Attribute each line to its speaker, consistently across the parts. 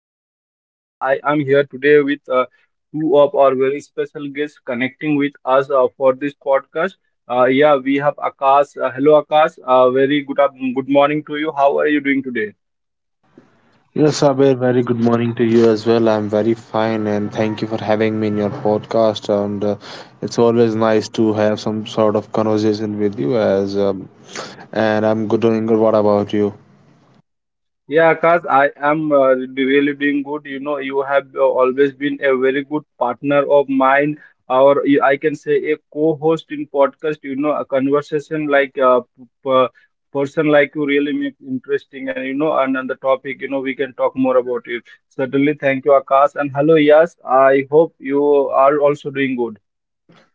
Speaker 1: Saver, and I am here today with two of our very special guests connecting with us for this podcast. Yeah, we have Akash. Hello, Akash. Good morning to you. How are you doing today?
Speaker 2: Yes, Abir, very good morning to you as well. I'm very fine and thank you for having me in your podcast. And it's always nice to have some sort of conversation with you as and I'm good, doing good. What about you?
Speaker 1: Yeah, Akash, I am really doing good. You know, you have always been a very good partner of mine, or I can say a co-host in podcast. You know, a conversation like person like you really make interesting, and on the topic, you know, we can talk more about it. Certainly, thank you, Akash, and hello, yes. I hope you are also doing good.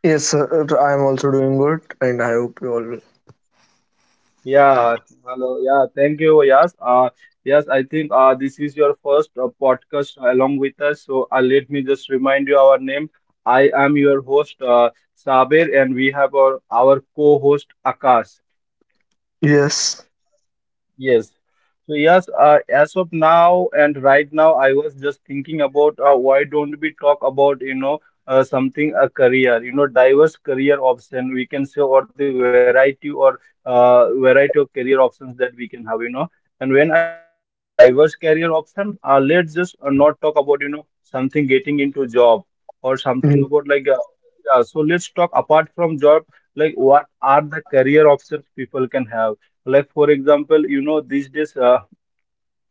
Speaker 3: Yes, sir. I am also doing good, and I hope you all. Will.
Speaker 1: Yeah, hello. Yeah, thank you. Yes, yes, I think this is your first podcast along with us. So let me just remind you our name. I am your host, Sabir, and we have our co-host, Akash.
Speaker 3: Yes.
Speaker 1: Yes. So yes, as of now and right now, I was just thinking about why don't we talk about, you know, something a career, you know, diverse career option we can say, or the variety of career options that we can have, you know. And when I talk about diverse career option, let's just not talk about, you know, something getting into job or something
Speaker 3: Yes.
Speaker 1: about, yeah. So let's talk apart from job, like what are the career options people can have? Like, for example, you know, these days uh,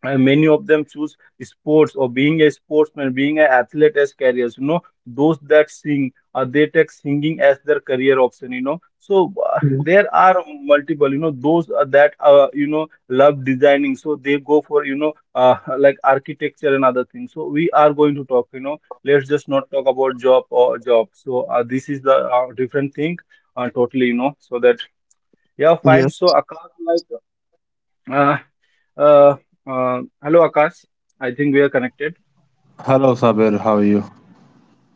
Speaker 1: uh, many of them choose sports, or being a sportsman, being an athlete, as careers. You know, those that sing, they take singing as their career option, you know. So there are multiple, you know, those that you know, love designing, so they go for, you know, like architecture and other things. So we are going to talk, you know, let's just not talk about job or job. So this is the different thing, totally, you know. So that yeah, fine.
Speaker 3: Yes.
Speaker 1: So, Akash, like uh, uh, hello, Akash. I think we are connected.
Speaker 2: Hello, Sabir. How are you?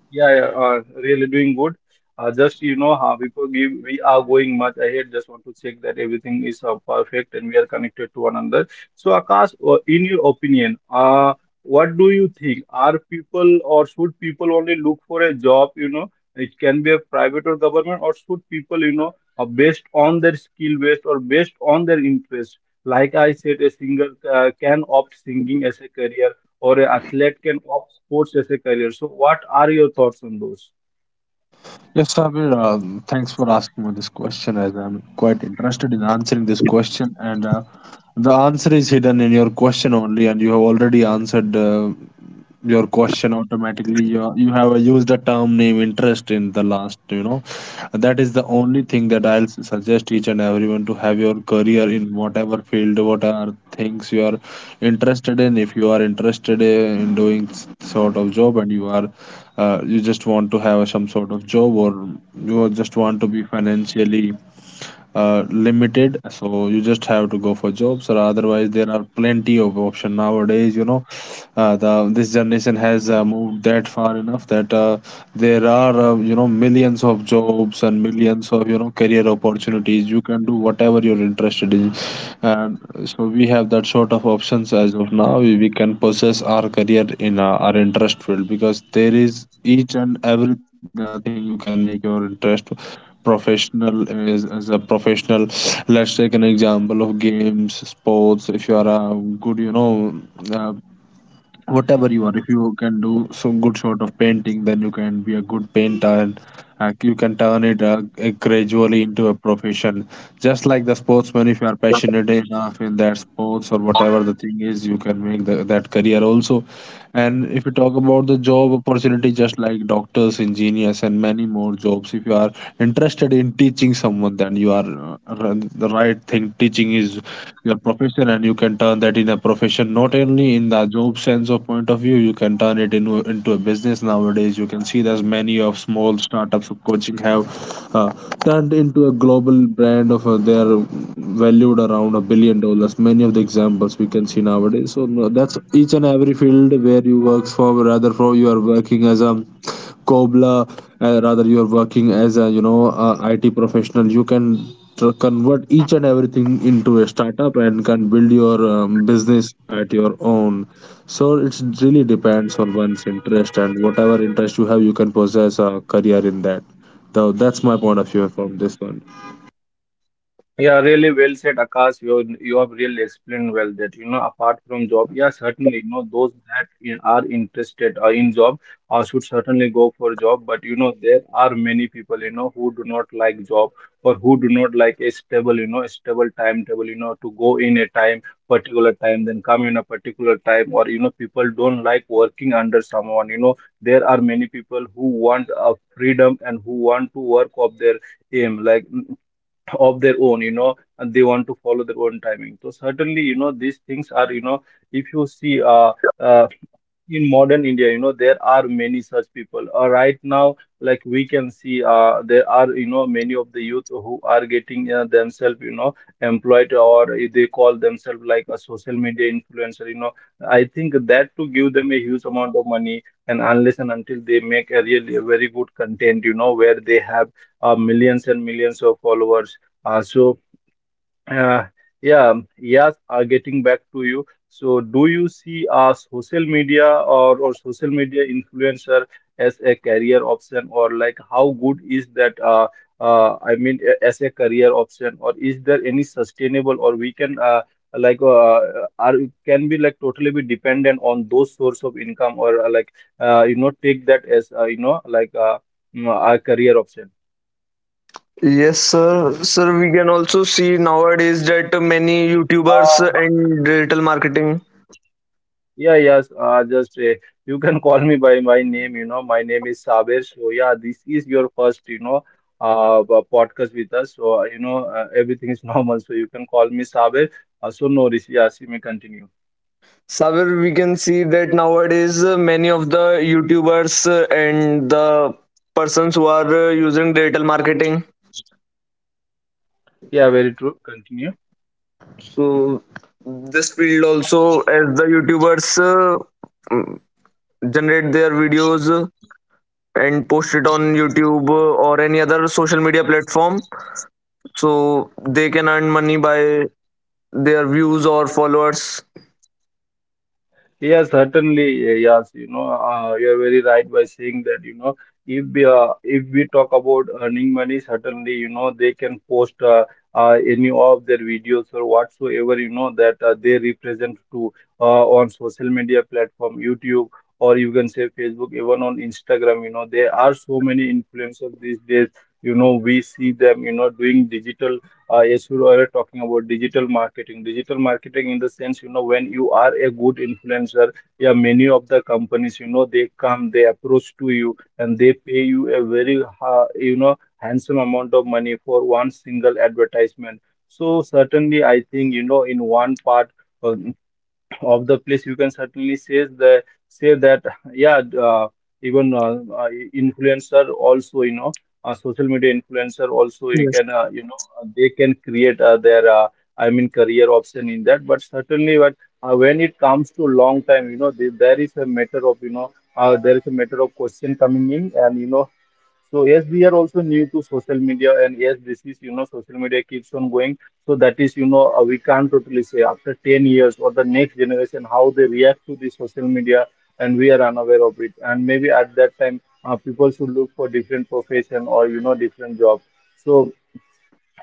Speaker 1: Yeah, yeah, really doing good. Just you know how we could give we are going much ahead. Just want to check that everything is perfect and we are connected to one another. So Akash, in your opinion, what do you think? Are people or Should people only look for a job? You know, it can be a private or government, or should people, you know, based on their skill based or based on their interest? Like I said, a singer can opt singing as a career, or an athlete can opt sports as a career. So, what are your thoughts on those?
Speaker 2: Yes, Sabir. Thanks for asking me this question, as I'm quite interested in answering this question. And the answer is hidden in your question only, and you have already answered. Your question automatically, you have used a term name interest in the last, that is the only thing that I'll suggest each and everyone to have your career in whatever field, what are things you are interested in. If you are interested in doing sort of job, and you just want to have some sort of job, or you just want to be financially limited, so you just have to go for jobs. Or otherwise, there are plenty of option nowadays, the this generation has moved that far enough that there are millions of jobs and millions of career opportunities. You can do whatever you're interested in, and so we have that sort of options as of now. We can possess our career in our interest field, because there is each and every thing you can make your interest professional, as a professional. Let's take an example of games sports. If you are a good, uh, whatever you are, if you can do some good sort of painting, then you can be a good painter, and you can turn it gradually into a profession. Just like the sportsman, if you are passionate enough in that sports or whatever the thing is, you can make that career also. And if you talk about the job opportunity, just like doctors, engineers, and many more jobs, if you are interested in teaching someone, then you are the right thing. Teaching is your profession, and you can turn that in a profession. Not only in the job sense of point of view, you can turn it into a business nowadays. You can see there's many of small startups of coaching have uh, turned into a global brand of, they are valued around $1 billion. Many of the examples we can see nowadays. So no, that's each and every field where you works for, rather for you are working as a cobbler, rather you are working as a IT professional. You can convert each and everything into a startup and can build your business at your own. So it's really depends on one's interest, and whatever interest you have, you can possess a career in that. So that's my point of view from this one.
Speaker 1: Yeah, really well said, Akash. You have really explained well that, you know, apart from job, yeah, certainly, you know, those that are interested in job should certainly go for job. But you know there are many people, you know, who do not like job, or who do not like a stable, you know, stable timetable, you know, to go in a time, particular time, then come in a particular time. Or, you know, people don't like working under someone, you know. There are many people who want a freedom and who want to work of their aim, like of their own, you know, and they want to follow their own timing. So certainly, you know, these things are, you know, if you see uh in modern India, you know, there are many such people. Right now, like we can see, there are, you know, many of the youth who are getting themselves, you know, employed, or if they call themselves like a social media influencer, you know. I think that to give them a huge amount of money, and unless and until they make a really a very good content, you know, where they have millions and millions of followers. Uh, so uh, yeah, yes, Getting back to you. So, do you see social media, or social media influencer as a career option, or like how good is that? I mean, as a career option, or is there any sustainable, or we can like are can be like totally be dependent on those source of income, or like you know take that as you know like mm, a career option.
Speaker 3: Yes, sir. Sir, we can also see nowadays that many YouTubers and digital marketing.
Speaker 1: Yeah, yes, just You can call me by my name, you know. My name is Saber. So, yeah, this is your first, you know, podcast with us. So, you know, everything is normal. So, you can call me Saber. So, no, this, yes, you may continue.
Speaker 3: Sabir, we can see that nowadays many of the YouTubers and the persons who are using digital marketing.
Speaker 1: Yeah, very true. Continue.
Speaker 3: So this field also, as the YouTubers mm, generate their videos and post it on YouTube or any other social media platform so they can earn money by their views or followers.
Speaker 1: Yes, certainly, yes. You know, you're very right by saying that, you know, if we talk about earning money, certainly, you know, they can post any of their videos or whatsoever, you know, that they represent to on social media platform, YouTube, or you can say Facebook, even on Instagram, you know, there are so many influencers these days. You know, we see them, you know, doing digital, yes, you were talking about digital marketing. Digital marketing, in the sense, you know, when you are a good influencer, yeah, many of the companies, you know, they come, they approach to you, and they pay you a very, ha you know, handsome amount of money for one single advertisement. So certainly, I think, you know, in one part. uh, of the place you can certainly say that, yeah, even influencer also, you know, social media influencer also, you
Speaker 3: Yes,
Speaker 1: can you know they can create their I mean career option in that, but certainly, but when it comes to long time, you know, there is a matter of, you know, there is a matter of question coming in, and you know, so yes, we are also new to social media, and yes, this is, you know, social media keeps on going. So that is, you know, we can't totally say after 10 years or the next generation how they react to the social media, and we are unaware of it. And maybe at that time, people should look for different profession or, you know, different job. So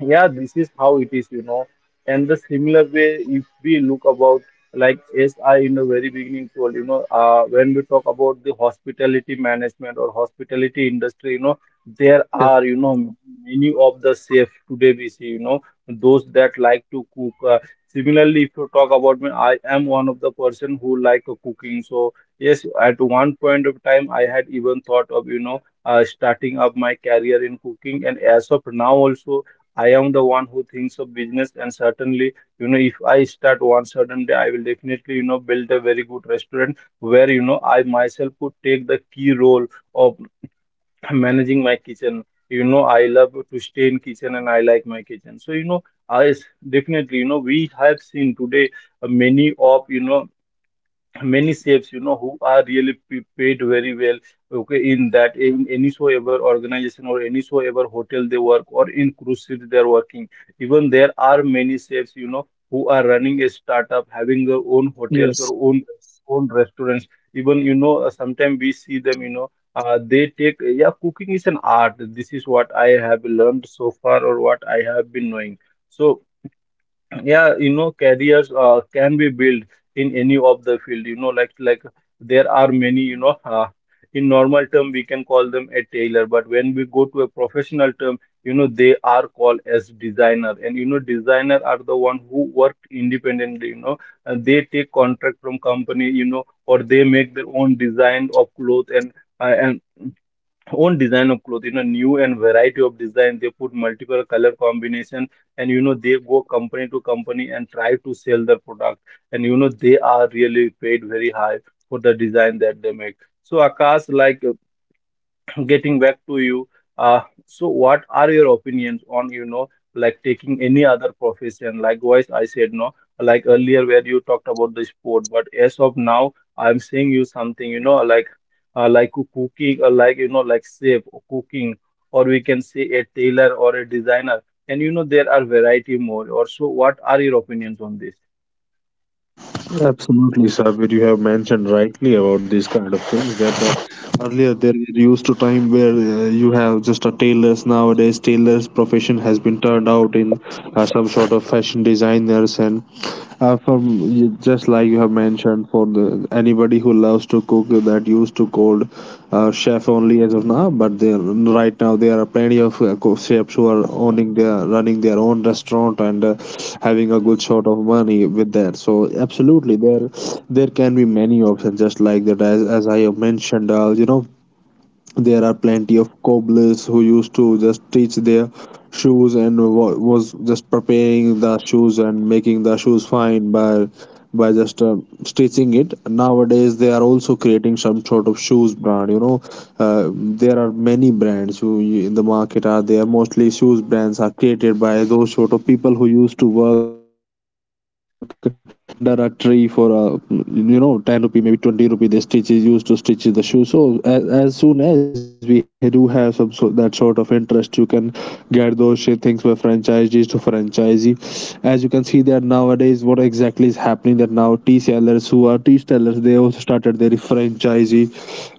Speaker 1: yeah, this is how it is, you know. And the similar way, if we look about, like, as I in the very beginning told, you know, when we talk about the hospitality management or hospitality industry, you know, there
Speaker 3: yes,
Speaker 1: are, you know, many of the chef today we see, you know, those that like to cook, similarly if you talk about me, I am one of the person who like cooking. So yes, at one point of time I had even thought of, you know, starting up my career in cooking. And as of now also, I am the one who thinks of business, and certainly, you know, if I start one certain day, I will definitely, you know, build a very good restaurant where, you know, I myself could take the key role of managing my kitchen. You know, I love to stay in kitchen and I like my kitchen. Definitely, we have seen today many of many chefs who are really paid very well, okay, in any so ever organization or any so ever hotel they work, or in cruise ship they are working. Even there are many chefs who are running a startup, having their own hotels or
Speaker 3: yes.
Speaker 1: own restaurants. Even you know Sometimes we see them, they take yeah, cooking is an art. This is what I have learned so far, or what I have been knowing. So yeah, careers can be built in any of the field, like there are many, in normal term we can call them a tailor, but when we go to a professional term, they are called as designer. And designer are the one who work independently, and they take contract from company, or they make their own design of clothes. And own design of clothes, new and variety of design. They put multiple color combination, and they go company to company and try to sell their product, and they are really paid very high for the design that they make. So Akash, like, getting back to you, so what are your opinions on, like taking any other profession? Likewise, I said, no, like earlier where you talked about the sport, but as of now, I'm saying you something, like cooking, or like, like chef or cooking, or we can say a tailor or a designer. And there are variety more. Or so, what are your opinions on this?
Speaker 2: Absolutely. Sabir, you have mentioned rightly about these kind of things, that earlier there used to time where you have just a tailors. Nowadays, tailors profession has been turned out in some sort of fashion designers, and from, just like you have mentioned for the anybody who loves to cook, that used to called chef only as of now. But there, right now there are plenty of chefs who are owning their running their own restaurant, and having a good sort of money with that. So absolutely, there can be many options, just like that. As I have mentioned, there are plenty of cobblers who used to just stitch their shoes, and was just preparing the shoes and making the shoes fine by just stitching it. Nowadays, they are also creating some sort of shoes brand. There are many brands who, in the market are there. Mostly shoes brands are created by those sort of people who used to work uh, under a tree for, 10 rupee, maybe 20 rupee, the stitch is used to stitch the shoe. So, as soon as we do have some, so that sort of interest, you can get those things by franchisees to franchisee. As you can see that nowadays, what exactly is happening, that now tea sellers, who are tea sellers, they also started their franchisee,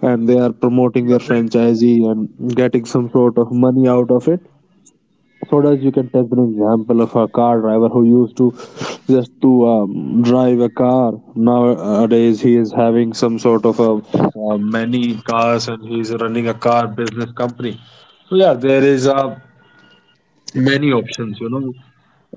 Speaker 2: and they are promoting their franchisee and getting some sort of money out of it. So does, you can take an example of a car driver who used to just to drive a car. Nowadays, he is having some sort of a many cars, and he's running a car business company. So yeah, there is many options, you know,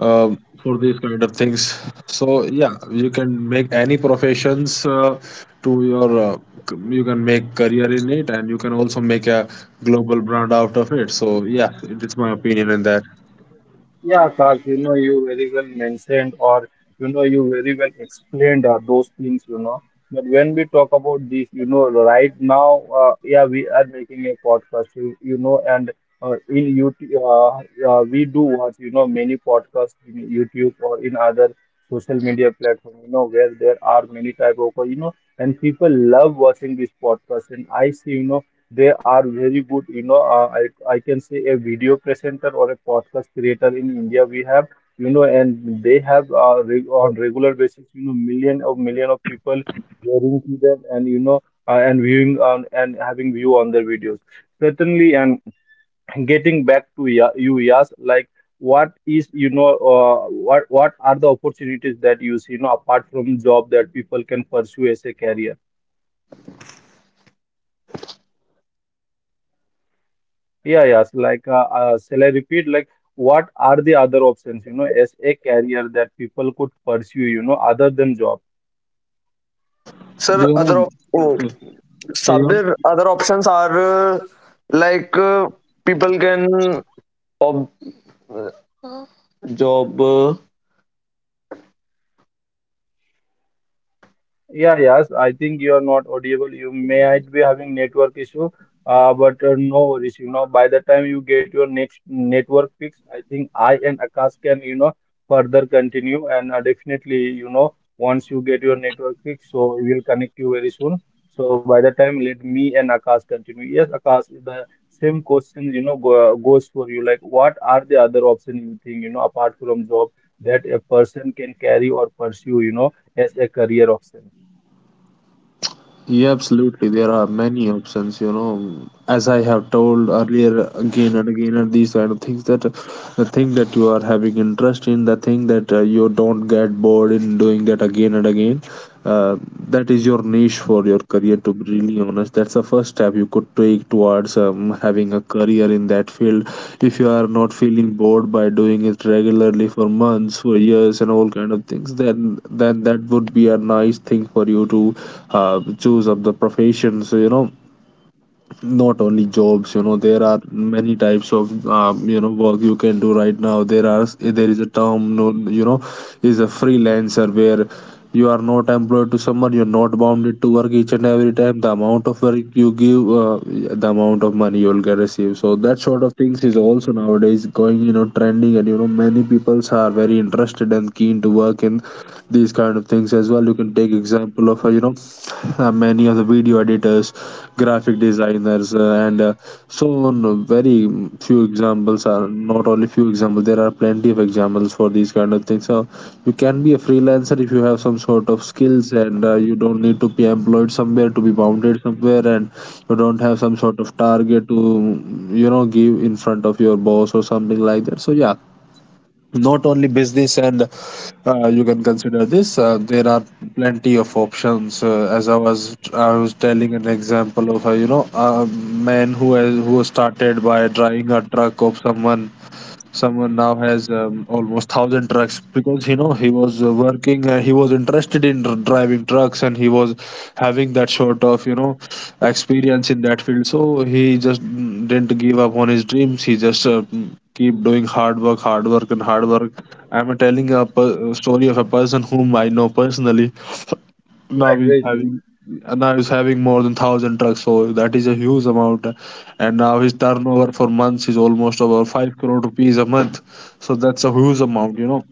Speaker 2: um for these kind of things. So yeah, you can make any professions, to your. Uh, you can make career in it, and you can also make a global brand out of it. So yeah, it's my opinion in that.
Speaker 1: Yeah, Akash, you very well mentioned, or you very well explained those things, But when we talk about this, right now, yeah, we are making a podcast, and in YouTube, we do watch, many podcasts in YouTube or in other social media platform, where there are many type of, and people love watching this podcast. And I see, they are very good. I can say a video presenter or a podcast creator in India we have. And they have re on regular basis. Million of people hearing to them, and and viewing on and having view on their videos. Certainly, and getting back to ya you, yes, like what is, uh, what are the opportunities that you see, apart from job, that people can pursue as a career. Yeah, yeah. So, like, shall I repeat? Like, what are the other options, as a career that people could pursue, other than job?
Speaker 3: Sir,
Speaker 2: There are
Speaker 3: oh,
Speaker 2: Yeah, carry on.
Speaker 3: Sabir, other options are like uh, people can ob- job.
Speaker 1: Yeah, yes, I think you are not audible. You might be having network issue, but no worries. By the time you get your next network fix, I think I and Akash can, further continue. And definitely, once you get your network fix, so we will connect you very soon. So by the time, let me and Akash continue. Yes, Akash, the same question, goes for you. Like, what are the other options you think, apart from job, that a person can carry or pursue, as a career option?
Speaker 2: Yeah, absolutely. There are many options, you know. As I have told earlier, again and again, and these kind of things, that the thing that you are having interest in, the thing that you don't get bored in doing that again and again, uh, that is your niche for your career, to be really honest. That's the first step you could take towards having a career in that field. If you are not feeling bored by doing it regularly for months, for years, and all kind of things, then that would be a nice thing for you to choose up the profession. So, not only jobs, there are many types of work you can do. Right now, there is a term, no, is a freelancer, where you are not employed to someone, you're not bounded to work each and every time. The amount of work you give, the amount of money you'll get receive. So that sort of things is also nowadays going, trending, and many peoples are very interested and keen to work in these kind of things as well. You can take example of, many of the video editors, graphic designers, and so on. Very few examples, are not only few examples. There are plenty of examples for these kind of things. So you can be a freelancer if you have some sort of skills, and you don't need to be employed somewhere, to be bounded somewhere, and you don't have some sort of target to give in front of your boss or something like that. So yeah, not only business, and you can consider this. There are plenty of options, as I was telling an example of, a man who started by driving a truck of someone. Someone now has almost 1,000 trucks, because he was working. He was interested in driving trucks, and he was having that sort of, experience in that field. So he just didn't give up on his dreams. He just keep doing hard work, and hard work. I'm telling a story of a person whom I know personally. Now
Speaker 1: Right,
Speaker 2: he's
Speaker 1: very true.
Speaker 2: having now he's having more than 1,000 trucks, so that is a huge amount. And now his turnover for months is almost about 5 crore rupees a month, so that's a huge amount.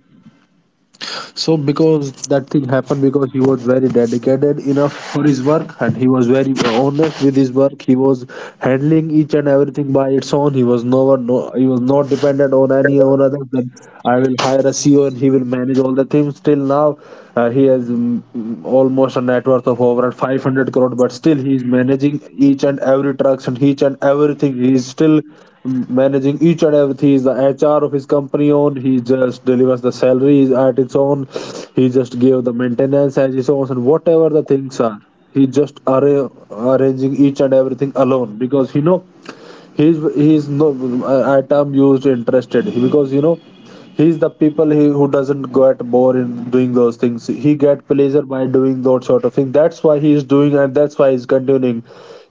Speaker 2: So, because that thing happened, because he was very dedicated enough for his work, and he was very honest with his work. He was handling each and everything by its own. He was no one, no, he was not dependent on any or other than I will hire a CEO, and he will manage all the things. Till now, he has almost a net worth of over, not 500 crore, but still he is managing each and every transaction, each and everything. He is still managing each and everything. He is the HR of his company own. He just delivers the salaries at its own, he just gave the maintenance as his own, and whatever the things are, he just arranging each and everything alone, because he know, he's no. I term used interested, because he's the people he, who doesn't get bored in doing those things. He get pleasure by doing those sort of thing. That's why he's doing, and that's why he's continuing.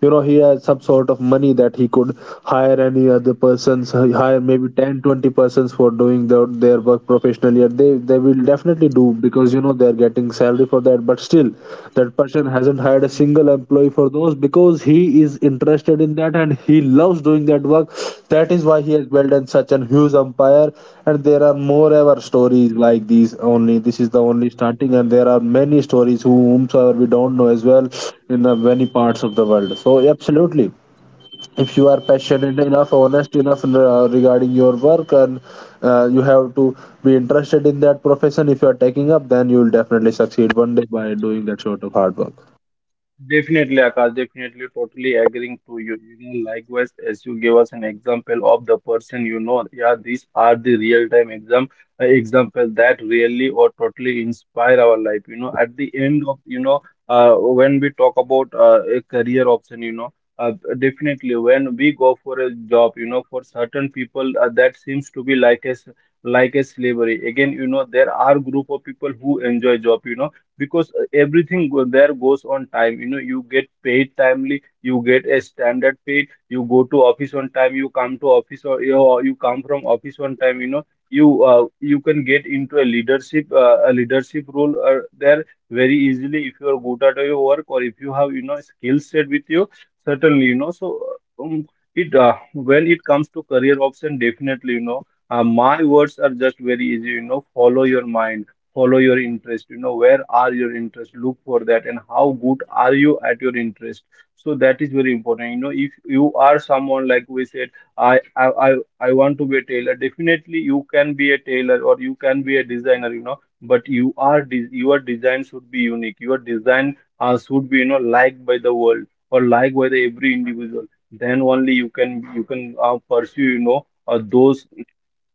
Speaker 2: He has some sort of money that he could hire any other persons, hire maybe 10, 20 persons for doing their work professionally, and they will definitely do, because they're getting salary for that. But still, that person hasn't hired a single employee for those, because he is interested in that, and he loves doing that work. That is why he has built in such an huge empire. And there are more ever stories like these only. This is the only starting, and there are many stories, whomsoever we don't know as well, in the many parts of the world. So absolutely, if you are passionate enough, honest enough, regarding your work, and you have to be interested in that profession. If you are taking up, then you will definitely succeed one day by doing that sort of hard work.
Speaker 1: Definitely, Akash, definitely, totally agreeing to you. Likewise, as you gave us an example of the person, yeah, these are the real-time example that really or totally inspire our life. At the end of, when we talk about a career option, definitely, when we go for a job, for certain people that seems to be like a slavery. Again, there are group of people who enjoy job, because there goes on time. You get paid timely, you get a standard pay, you go to office on time, you come to office, or you come from office on time. You can get into a leadership role there very easily, if you are good at your work, or if you have, skill set with you. Certainly, um, it when it comes to career option, definitely, my words are just very easy. Follow your mind, follow your interest, where are your interests, look for that, and how good are you at your interest. So that is very important. If you are someone, like we said, i i i, I want to be a tailor. Definitely, you can be a tailor, or you can be a designer, but your design should be unique. Your design should be, liked by the world, or liked by the every individual. Then only you can pursue, those,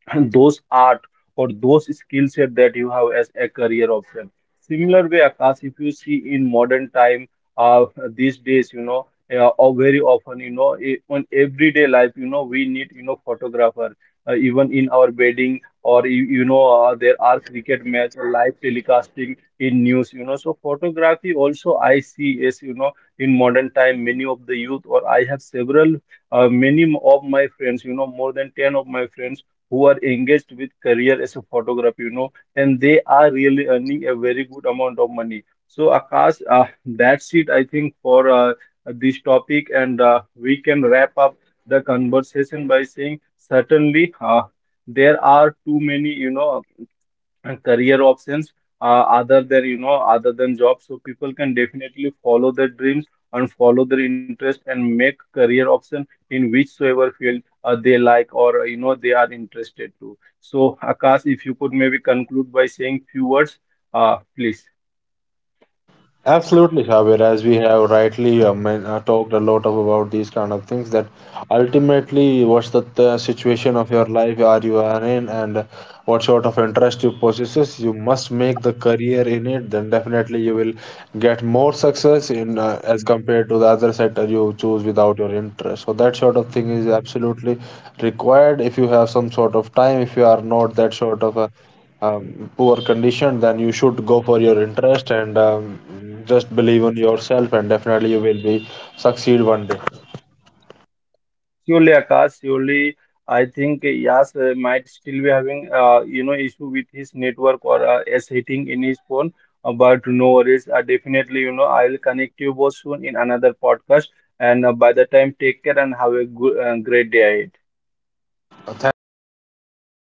Speaker 1: and those art, or those skill set that you have as a career option. Similar way, Akash, if you see in modern time, these days, or very often, on everyday life, we need, photographer. Even in our wedding, there are cricket match or live telecasting in news, So photography also I see, as you know in modern time, many of the youth, or I have several many of my friends, more than 10 of my friends who are engaged with career as a photographer, and they are really earning a very good amount of money. So Akash, that's it, I think, for this topic, and we can wrap up the conversation by saying, certainly there are too many, and career options other than, other than jobs. So people can definitely follow their dreams, and follow their interest, and make career option in whichsoever field they like, or they are interested to. So Akash, if you could maybe conclude by saying few words, please.
Speaker 2: Absolutely, Javier. As we have rightly talked a lot of about these kind of things, that ultimately, what's the situation of your life are you are in, and what sort of interest you possesses, you must make the career in it. Then definitely you will get more success in, as compared to the other sector you choose without your interest. So that sort of thing is absolutely required if you have some sort of time. If you are not that sort of a poor condition, then you should go for your interest, and just believe in yourself, and definitely you will be succeed one day.
Speaker 1: Surely, Akash, surely, I think Yas might still be having, issue with his network, or a setting in his phone. But no worries, definitely, I'll connect you both soon in another podcast. And by the time, take care and have a great day ahead.
Speaker 2: Thank you, Sabir. You too. Have